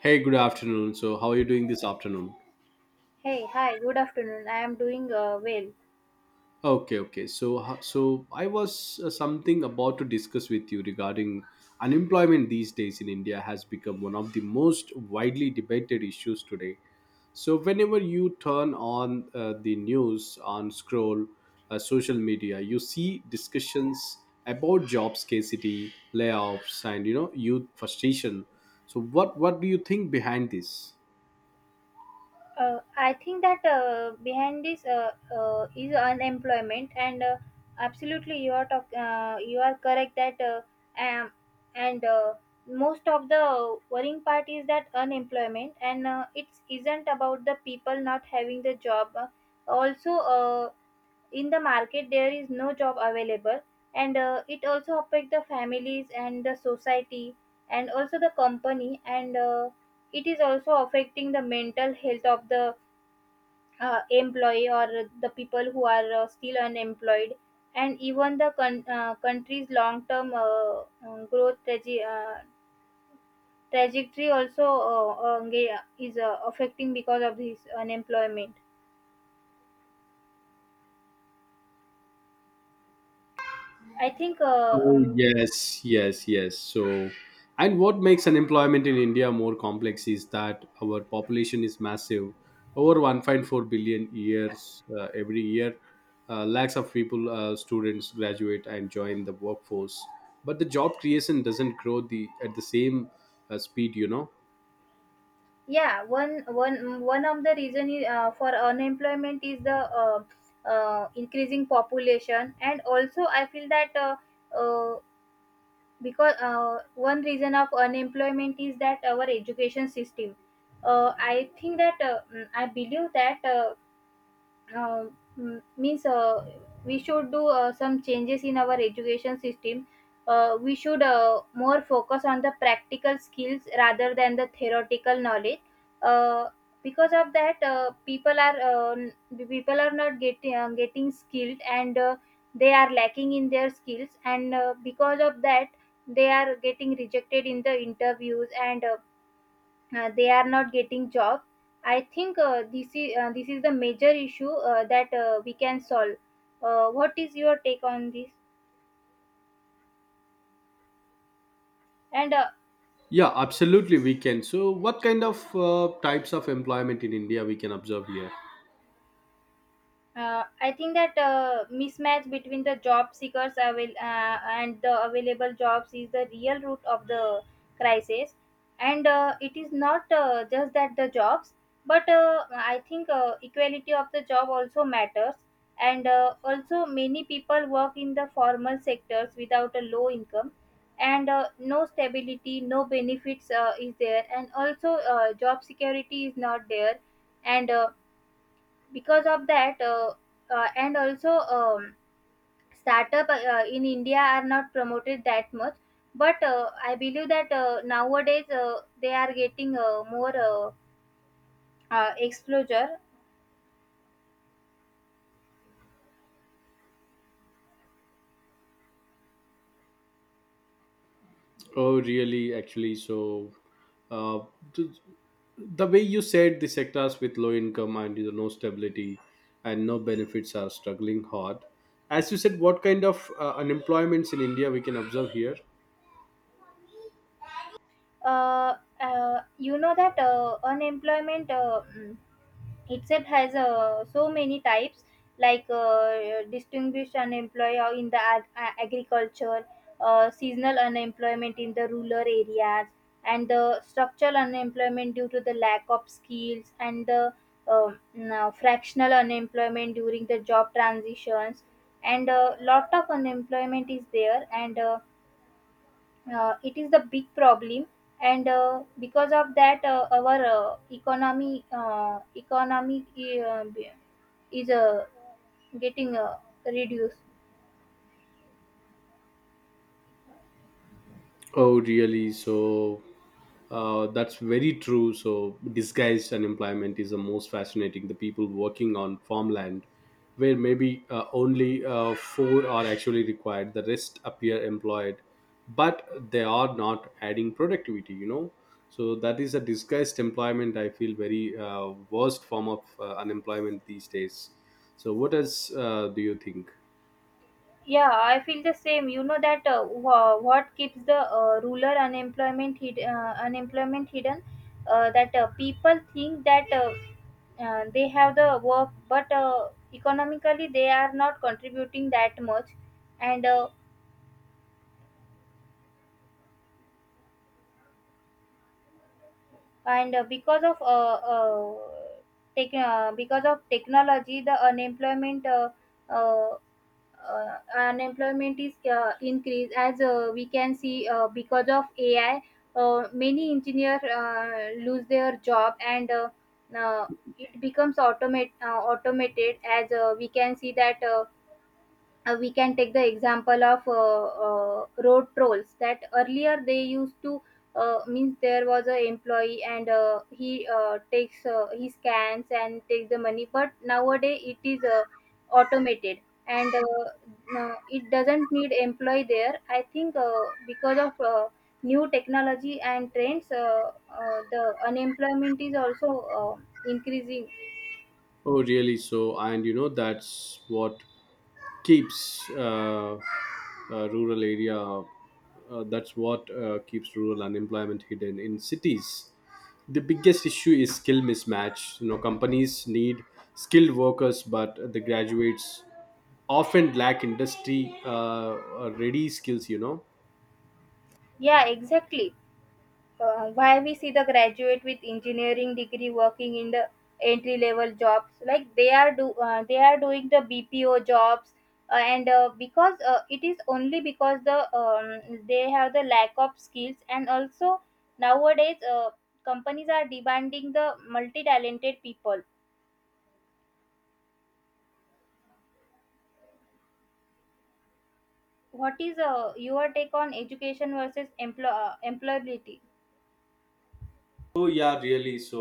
Hey, good afternoon. So, how are you doing this afternoon? Hey, hi, good afternoon. I am doing well. Okay, okay. So, so I was something about to discuss with you regarding unemployment these days in India has become one of the most widely debated issues today. So, whenever you turn on the news, on scroll social media, you see discussions about job scarcity, layoffs, and youth frustration. So, what do you think behind this? I think that behind this is unemployment, and absolutely, you are correct that um, and most of the worrying part is that unemployment, and it isn't about the people not having the job. Also, in the market there is no job available and it also affect the families and the society and also the company and it is also affecting the mental health of the employee or the people who are still unemployed, and even the country's long term trajectory also is affecting because of this unemployment. I think Oh, yes, yes, yes. So, and what makes unemployment in India more complex is that our population is massive, over 1.4 billion years every year. Lakhs of people, students graduate and join the workforce, but the job creation doesn't grow the at the same speed. Yeah, one of the reason is, for unemployment is the increasing population, and also I feel that uh, because one reason of unemployment is that our education system. I think that I believe that uh, m- means we should do some changes in our education system. We should more focus on the practical skills rather than the theoretical knowledge. Uh, because of that, people are people are not getting skilled, and they are lacking in their skills, and because of that, they are getting rejected in the interviews, and they are not getting job. I think This is this is the major issue that we can solve. What is your take on this? And Yeah, absolutely, we can. So, what kind of types of employment in India we can observe here? I think that mismatch between the job seekers and the available jobs is the real root of the crisis. And it is not just that the jobs, but I think equality of the job also matters. And also, many people work in the formal sectors without a low income, and no stability, no benefits is there, and also job security is not there, and because of that and also startup in india are not promoted that much, but I believe that nowadays they are getting more exposure. Oh, really? Actually, so uh, th- the way you said, the sectors with low income and, you know, no stability and no benefits are struggling hard. As you said, what kind of unemployments in India we can observe here? You know that unemployment itself has so many types, like distinguished unemployed or in the agriculture, seasonal unemployment in the rural areas, and the structural unemployment due to the lack of skills, and the now fractional unemployment during the job transitions, and a lot of unemployment is there. And it is the big problem, and because of that, our economy uh, economy uh, is uh, getting reduced. Oh, really. So, that's very true. So, disguised unemployment is the most fascinating. The people working on farmland, where maybe only four are actually required, the rest appear employed, but they are not adding productivity. So, that is a disguised employment, I feel, very worst form of unemployment these days. So, what else do you think? Yeah, I feel the same. You know that what keeps the rural unemployment hidden, that people think that they have the work, but economically they are not contributing that much. And because of because of technology the uh, unemployment is increased, as we can see, because of ai, many engineers lose their job. And uh, it becomes automated, as we can see that we can take the example of road trolls, that earlier they used to means there was a employee and he scans and takes the money, but nowadays it is automated. And no, it doesn't need employee there. I think Because of new technology and trends, the unemployment is also increasing. Oh, really? So, and that's what keeps rural area that's what keeps rural unemployment hidden in cities. The biggest issue is skill mismatch companies need skilled workers, but the graduates often lack industry ready skills, you know. Yeah, exactly. Why we see the graduate with engineering degree working in the entry level jobs, like they are doing the bpo jobs. And Because it is only because they have the lack of skills, and also nowadays companies are demanding the multi talented people. What is your take on education versus employability? Oh yeah, really. So,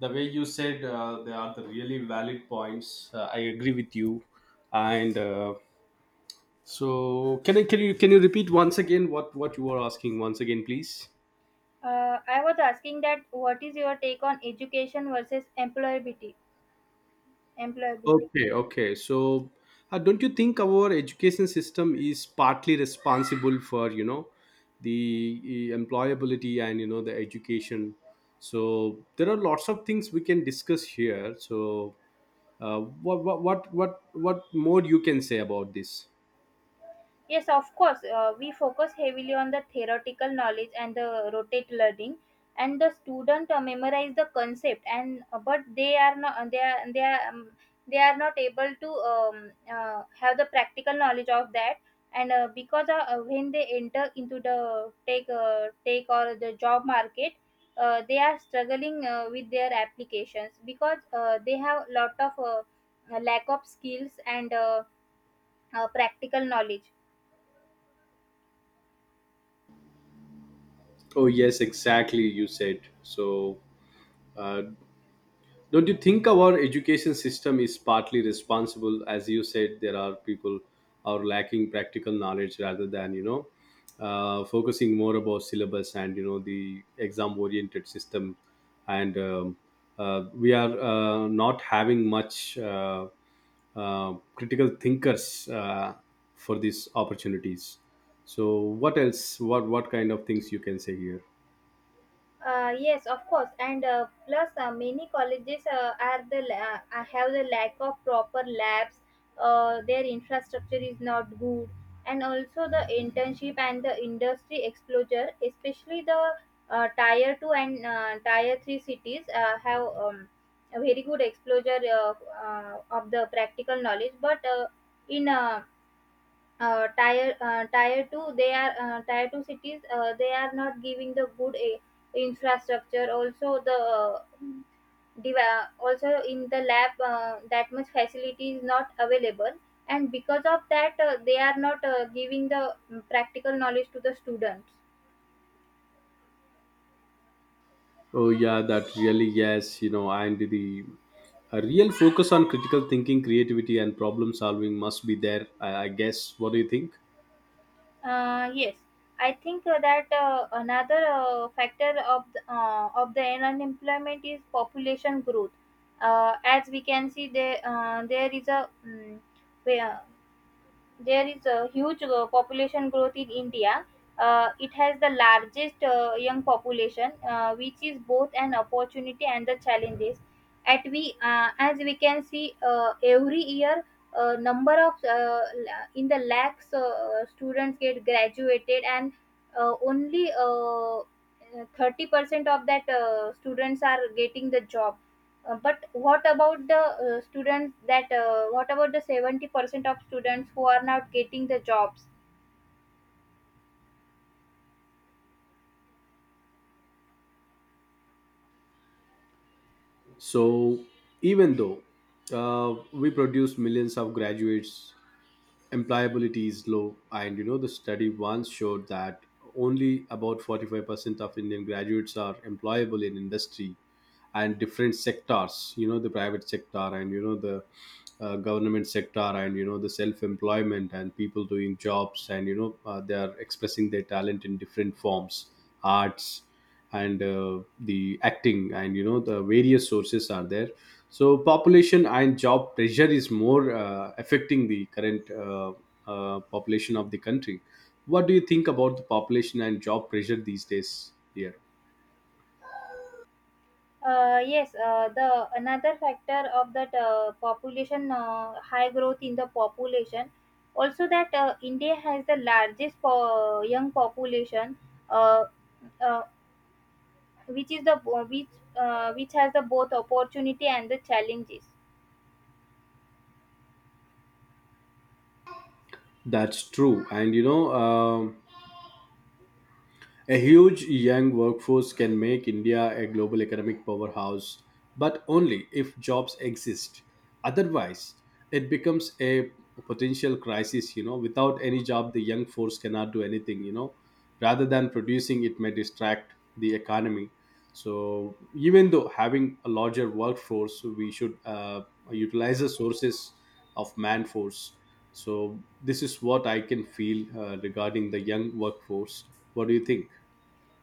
the way you said, they are the really valid points. I agree with you, and so, can you repeat once again what you were asking once again, please? I was asking that, what is your take on education versus employability, employability? Okay, okay. So, don't you think our education system is partly responsible for the employability and the education? So there are lots of things we can discuss here. So, what more you can say about this? Yes, of course. We focus heavily on the theoretical knowledge and the rotate learning, and the student memorize the concept. And but they are not able to have the practical knowledge of that. And because when they enter into the take or the job market, they are struggling with their applications, because they have lot of lack of skills and practical knowledge. Oh yes, exactly. You said so. Uh, don't you think our education system is partly responsible? As you said, there are people are lacking practical knowledge rather than focusing more about syllabus and the exam oriented system, and we are not having much critical thinkers for these opportunities. So, what else, what kind of things you can say here? Yes, of course. And plus many colleges have the lack of proper labs. Their infrastructure is not good, and also the internship and the industry exposure, especially the tier 2 and tier 3 cities, have a very good exposure of the practical knowledge. But in tier tier 2, they are, tier 2 cities, they are not giving the good infrastructure. Also the div- also in the lab that much facility is not available, and because of that they are not giving the practical knowledge to the students. Oh yeah, that really, yes and the a real focus on critical thinking, creativity, and problem solving must be there, I guess. What do you think? Yes, I think that another factor of the unemployment is population growth. As we can see, um, there is a huge population growth in India. It has the largest young population, which is both an opportunity and the challenges. As we can see, every year number of in the lakhs students get graduated, and only 30% of that students are getting the job. But what about the students that what about the 70% of students who are not getting the jobs? So, even though we produce millions of graduates, employability is low. And the study once showed that only about 45% of Indian graduates are employable in industry and different sectors the private sector, and the government sector, and the self-employment, and people doing jobs, and they are expressing their talent in different forms, arts, and the acting, and the various sources are there. So, population and job pressure is more affecting the current population of the country. What do you think about the population and job pressure these days, dear? Yes, the another factor of that population, high growth in the population, also that india has the largest young population, uh, uh, which is the, which, which has the both opportunity and the challenges. That's true. And you know A huge young workforce can make India a global economic powerhouse, but only if jobs exist. Otherwise, it becomes a potential crisis. Without any job, the young force cannot do anything. Rather than producing, it may distract the economy. So, even though having a larger workforce, we should utilize the sources of man force. So, this is what I can feel regarding the young workforce. What do you think?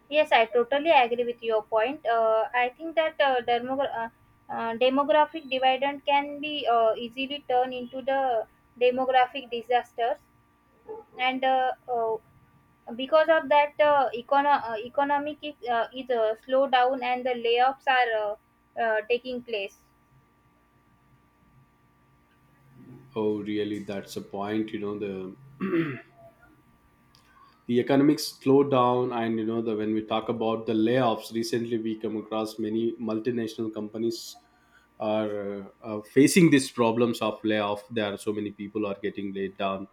Yes, I totally agree with your point. I think that demographic dividend can be easily turned into the demographic disasters, and because of that, economic is, is slow down and the layoffs are taking place. Oh, really? That's a point. The economics slowed down, and the when we talk about the layoffs, recently we come across many multinational companies are facing these problems of layoff. There are so many people are getting laid down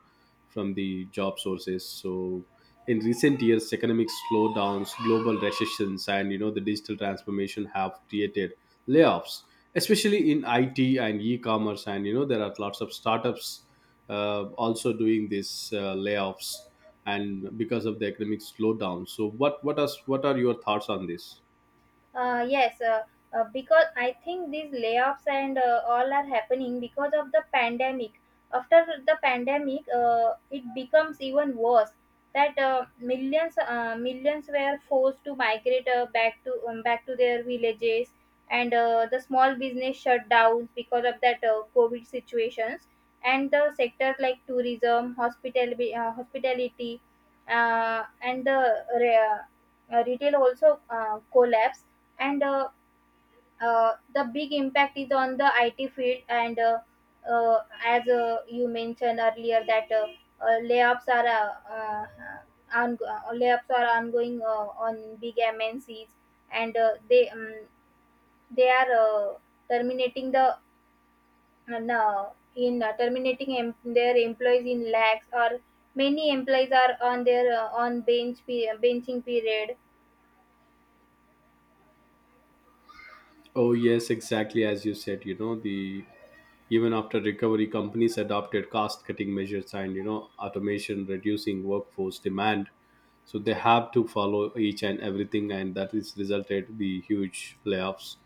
from the job sources. So, in recent years, economic slowdowns, global recessions, and the digital transformation have created layoffs, especially in IT and e-commerce. And there are lots of startups also doing these layoffs, and because of the economic slowdown. So, what are your thoughts on this? Yes, because I think these layoffs and all are happening because of the pandemic. After the pandemic, it becomes even worse, that millions were forced to migrate back to their villages, and the small business shut down because of that COVID situations, and the sectors like tourism, hospitality, uh, and the re- retail also collapsed. And the big impact is on the IT field. And as you mentioned earlier that uh, layoffs are uh, uh, layoffs are ongoing on big MNCs, and they are terminating the, and, in terminating their employees in lakhs, or many employees are on their benching period. Oh, yes, exactly as you said the even after recovery, companies adopted cost cutting measures, and automation, reducing workforce demand. So, they have to follow each and everything, and that is resulted the huge layoffs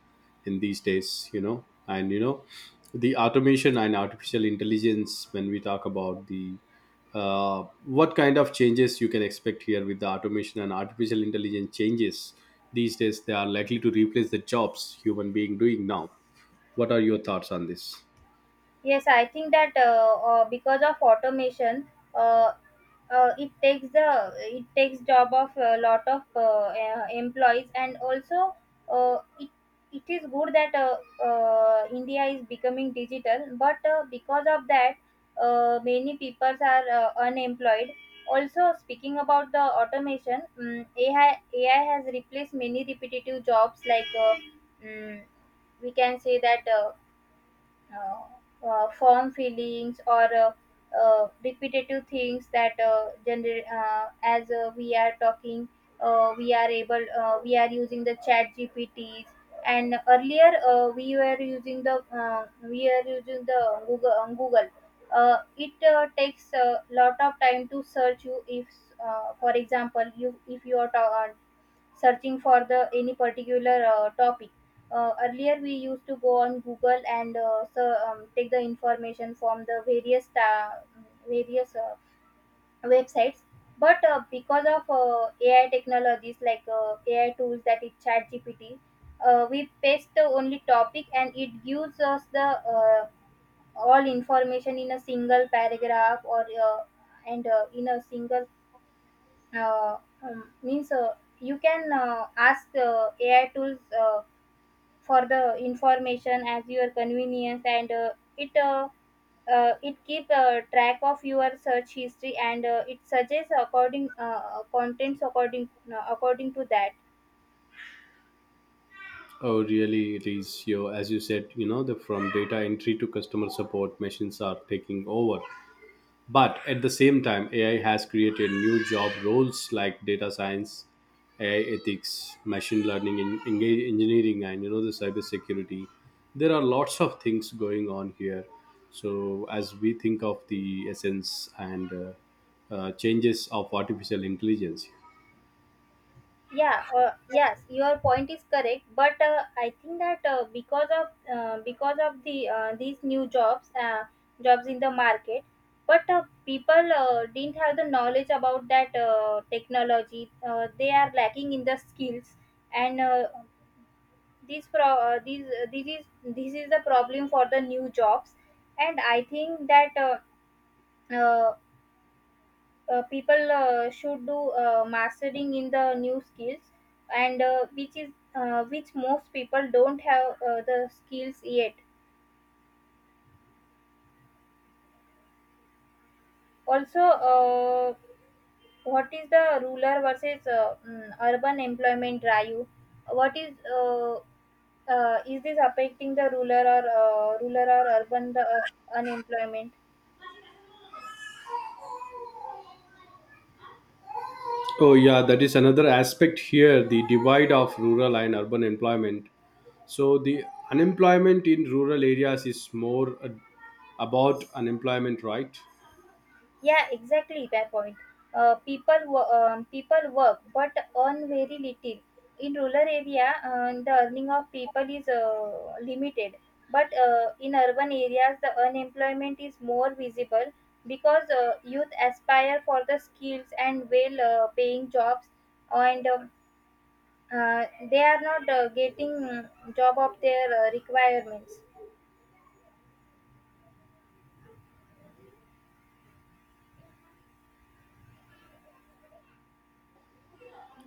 in these days. And the automation and artificial intelligence, when we talk about the what kind of changes you can expect here with the automation and artificial intelligence changes these days, they are likely to replace the jobs human being doing now. What are your thoughts on this? Yes, I think that because of automation, uh, it takes job of a lot of employees. And also uh, it it is good that India is becoming digital, but because of that, many people are unemployed. Also, speaking about the automation, AI has replaced many repetitive jobs, like mm, we can say that. Firm feelings or repetitive things that as we are talking, we are using the chat gpts. And earlier we are using the google, it takes a lot of time to search. You if for example, you if you are searching for the any particular topic, earlier, we used to go on Google and take the information from the various various uh, websites. But because of AI technologies like AI tools, that is ChatGPT, we paste the only topic and it gives us the all information in a single paragraph, or and in a single means you can ask AI tools. For the information as your convenience, and it uh, it keep track of your search history, and it suggests according contents according to that. Oh really, it is. You As you said, you know the from data entry to customer support, machines are taking over. But at the same time, AI has created new job roles like data science, AI ethics, machine learning, engineering, and the cybersecurity. There are lots of things going on here. So, as we think of the essence and changes of artificial intelligence. Yeah, yes, your point is correct, but I think that because of these new jobs, jobs in the market, but people didn't have the knowledge about that technology. They are lacking in the skills, and these pro these this is the problem for the new jobs. And I think that uh, people should do mastering in the new skills, and which is which most people don't have the skills yet. Also, what is the rural versus urban employment drive? What is this affecting the rural or rural or urban, the unemployment? Oh yeah, that is another aspect here: the divide of rural and urban employment. So, the unemployment in rural areas is more about unemployment, right? Yeah, exactly my point. People work but earn very little. In rural area, the earning of people is limited. But in urban areas, the unemployment is more visible, because youth aspire for the skills and well-paying jobs, and they are not getting job of their requirements.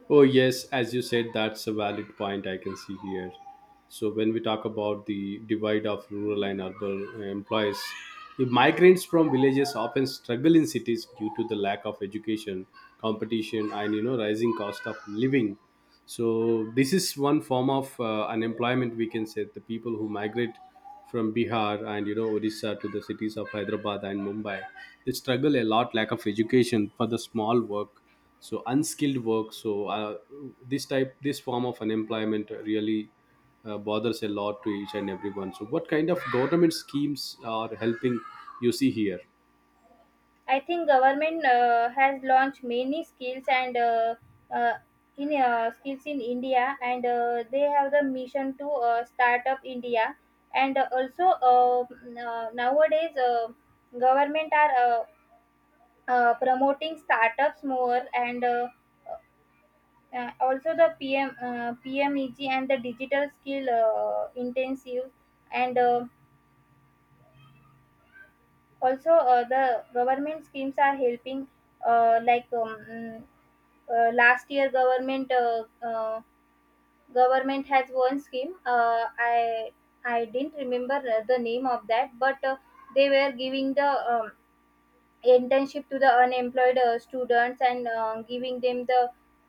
Oh, yes, as you said, that's a valid point I can see here. So, when we talk about the divide of rural and urban employees, the migrants from villages often struggle in cities due to the lack of education, competition, and rising cost of living. So, this is one form of unemployment we can say. The people who migrate from Bihar and Odisha to the cities of Hyderabad and Mumbai, they struggle a lot, lack of education for the small work, so unskilled work. So this this form of unemployment really bothers a lot to each and everyone. So, what kind of government schemes are helping you see here? I think government has launched many skills, and uh, in skills in India, and they have the mission to start up India. And also nowadays, government are promoting startups more, and also the PM, PMEG, and the digital skill intensive. And. Also, the government schemes are helping. Uh, like um, mm, Last year, government has one scheme. I didn't remember the name of that, but they were giving the um, internship to the unemployed students, and giving them the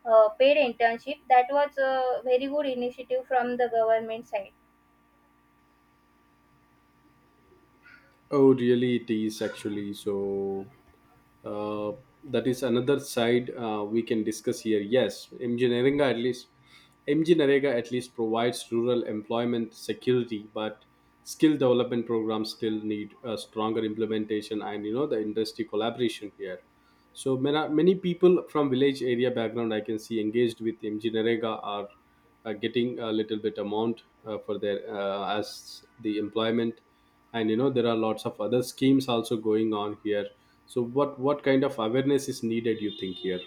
paid internship. That was a very good initiative from the government side. Oh, really, it is actually so. uh, that is another side we can discuss here. Yes, engineering at least provides rural employment security, but skill development programs still need a stronger implementation and the industry collaboration here. So, many, many people from village area background I can see engaged with MG Narega are getting a little bit amount for their as the employment, and there are lots of other schemes also going on here. So, what kind of awareness is needed? You think here?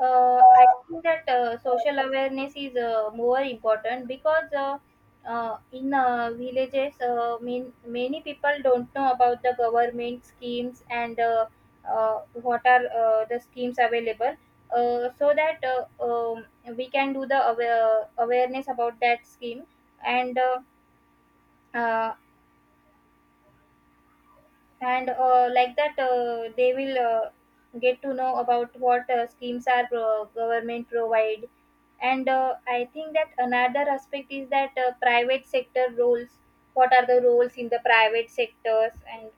I think that social awareness is more important, because in villages, many people don't know about the government schemes, and what are the schemes available. So that We can do the awareness about that scheme, and uh, uh, and like that, they will get to know about what schemes are government provide. And I think that another aspect is that private sector roles, what are the roles in the private sectors? And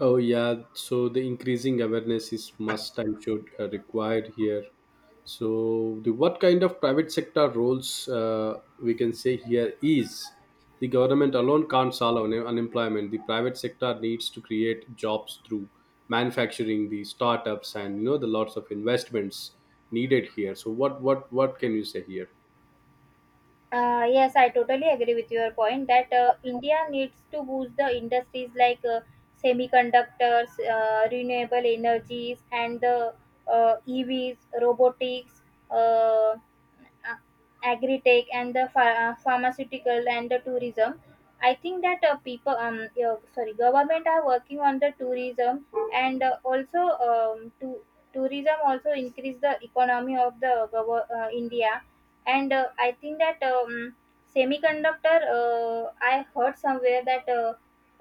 Oh yeah, so the increasing awareness is must and should required here. So, the what kind of private sector roles we can say here is, the government alone can't solve unemployment. The private sector needs to create jobs through manufacturing, the startups, and the lots of investments needed here. So, what can you say here? Yes, I totally agree with your point that India needs to boost the industries like semiconductors, renewable energies, and the EVs, robotics, uh, a- agri-tech, and the pharmaceutical, and the tourism. I think that yeah, sorry, government are working on the tourism, and also to tourism also increase the economy of India. And I think that semiconductor, I heard somewhere that uh,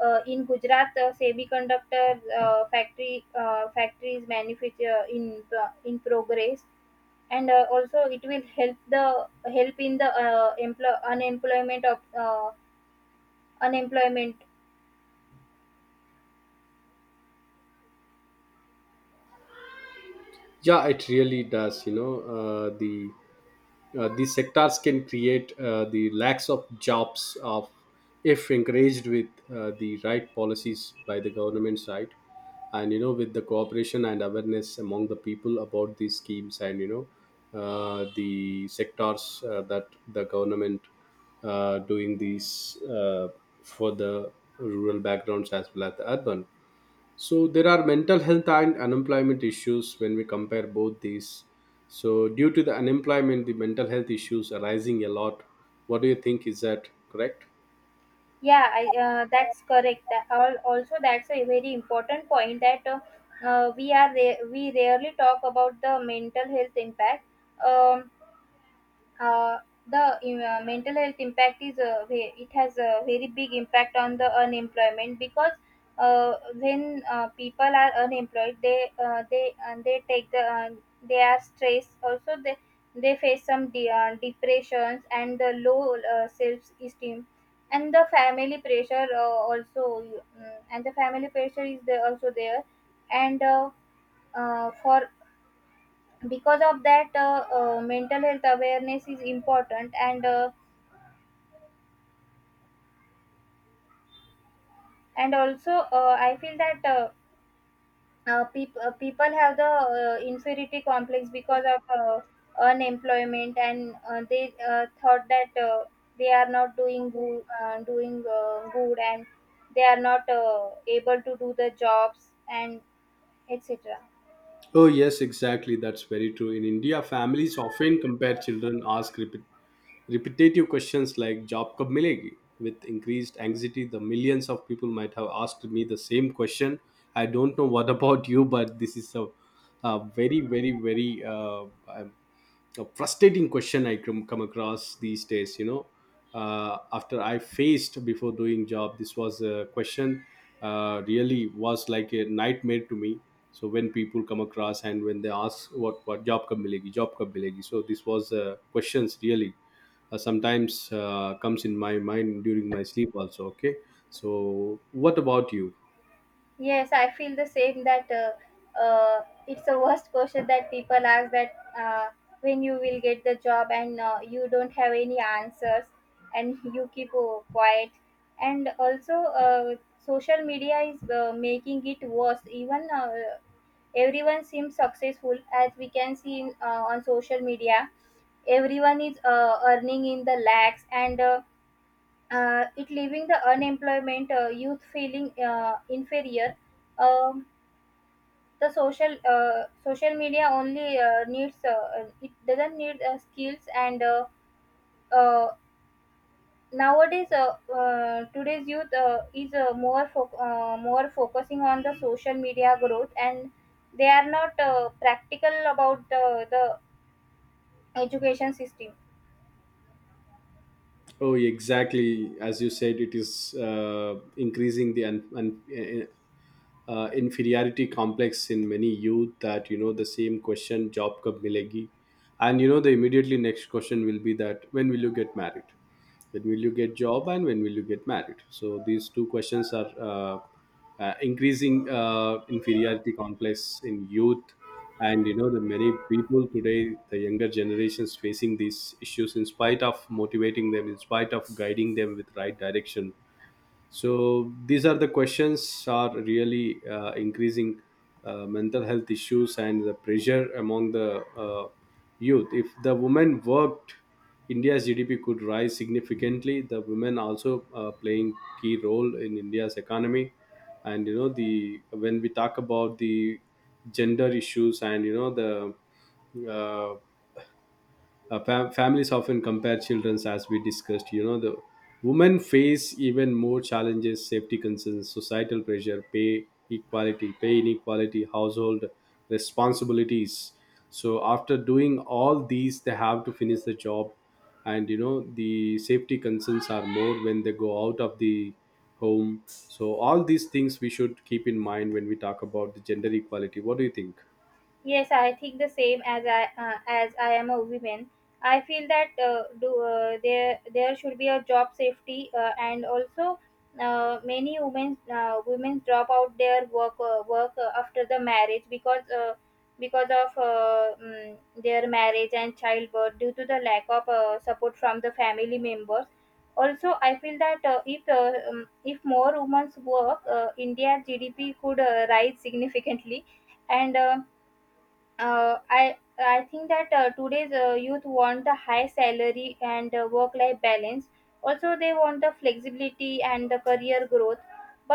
uh, in Gujarat, semiconductor, factory factories manufacture in progress, and also it will help the help in the unemployment of unemployment. Yeah, it really does. These sectors can create the lacks of jobs of if encouraged with the right policies by the government side, and with the cooperation and awareness among the people about these schemes, and the sectors that the government doing these for the rural backgrounds as well as the urban. So, there are mental health and unemployment issues when we compare both these. So, due to the unemployment, the mental health issues are rising a lot. What do you think? Is that correct? Yeah, that's correct. Also, that's a very important point, that we rarely talk about the mental health impact. Um, uh, the Mental health impact is it has a very big impact on the unemployment, because when people are unemployed, they are stressed. Also, they face some depressions, and the low self esteem, and the family pressure, and the family pressure is there, also there. And uh, uh, for because of that, mental health awareness is important, and also I feel that people have the inferiority complex because of unemployment, and they thought that they are not doing good, doing good, and they are not able to do the jobs, and etc. Oh yes, exactly. That's very true. In India, families often compare children ask repetitive questions like job kab milegi. With increased anxiety, the millions of people might have asked me the same question. I don't know what about you, but this is a very, very, very a frustrating question I come across these days. After I faced before doing job, this was a question really was like a nightmare to me. So, when people come across and when they ask what job कब मिलेगी, so this was questions really sometimes comes in my mind during my sleep also. Okay, so what about you? Yes, I feel the same, that it's the worst question that people ask, that when you will get the job, and you don't have any answers, and you keep quiet. And also, social media is making it worse. Even everyone seems successful, as we can see in, on social media. Everyone is earning in the lakhs, and it leaving the unemployment youth feeling inferior. Um, the social Social media only needs it doesn't need skills, and uh, nowadays, today's youth more focusing on the social media growth, and they are not practical about the education system. Oh, exactly as you said, it is increasing the inferiority complex in many youth, that the same question, job kab milegi, and the immediately next question will be that when will you get married, when will you get job, and when will you get married. So, these two questions are increasing inferiority complex in youth, and the many people today, the younger generations facing these issues in spite of motivating them, in spite of guiding them with right direction. So, these are the questions are really increasing mental health issues and the pressure among the youth. If the women worked, India's GDP could rise significantly. The women also playing key role in India's economy, and the when we talk about the gender issues, and the families often compare children. As we discussed, the women face even more challenges, safety concerns, societal pressure, pay inequality, household responsibilities. So, after doing all these, they have to finish the job, and the safety concerns are more when they go out of the home. So, all these things we should keep in mind when we talk about the gender equality. What do you think? Yes, I think the same, as I am a woman. I feel that there should be a job safety, and also many women drop out their work after the marriage, because because of uh, mm, their marriage and childbirth, due to the lack of support from the family members. Also, I feel that if more women's work, India's GDP could rise significantly. And. I think that today's youth want the high salary and work-life balance. Also, they want the flexibility and the career growth,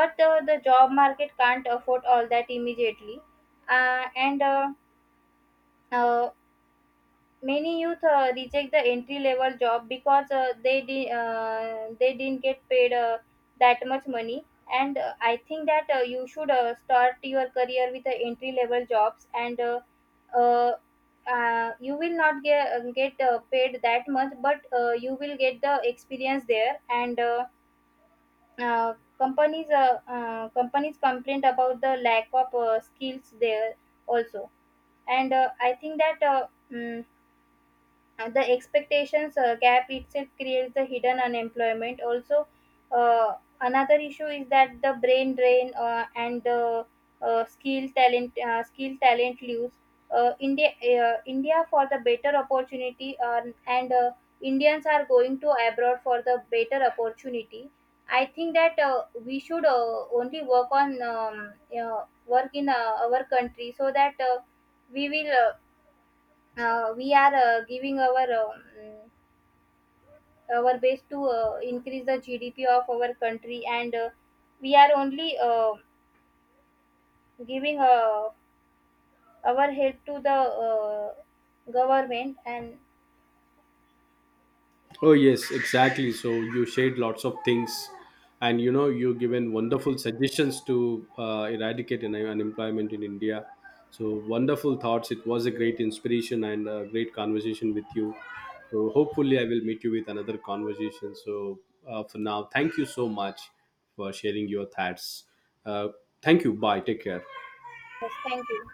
but the job market can't afford all that immediately. And uh, Many youth reject the entry level job, because they didn't get paid that much money. And I think that you should start your career with the entry level jobs, and uh, you will not get get paid that much, but you will get the experience there. And uh, companies complain about the lack of skills there also. And I think that mm, and the expectations gap itself creates the hidden unemployment also. uh, Another issue is that the brain drain, and the skill talent lose. uh, india India for the better opportunity, and Indians are going to abroad for the better opportunity. I think that we should only work on work in our country, so that we will we are giving our best to increase the GDP of our country, and we are only giving our help to the uh, government. And Oh yes, exactly. So, you shared lots of things, and you given wonderful suggestions to eradicate unemployment in India. So, wonderful thoughts. It was a great inspiration and a great conversation with you. So, hopefully I will meet you with another conversation. So, for now, thank you so much for sharing your thoughts. Uh, Thank you. Bye. Take care. yes, thank you.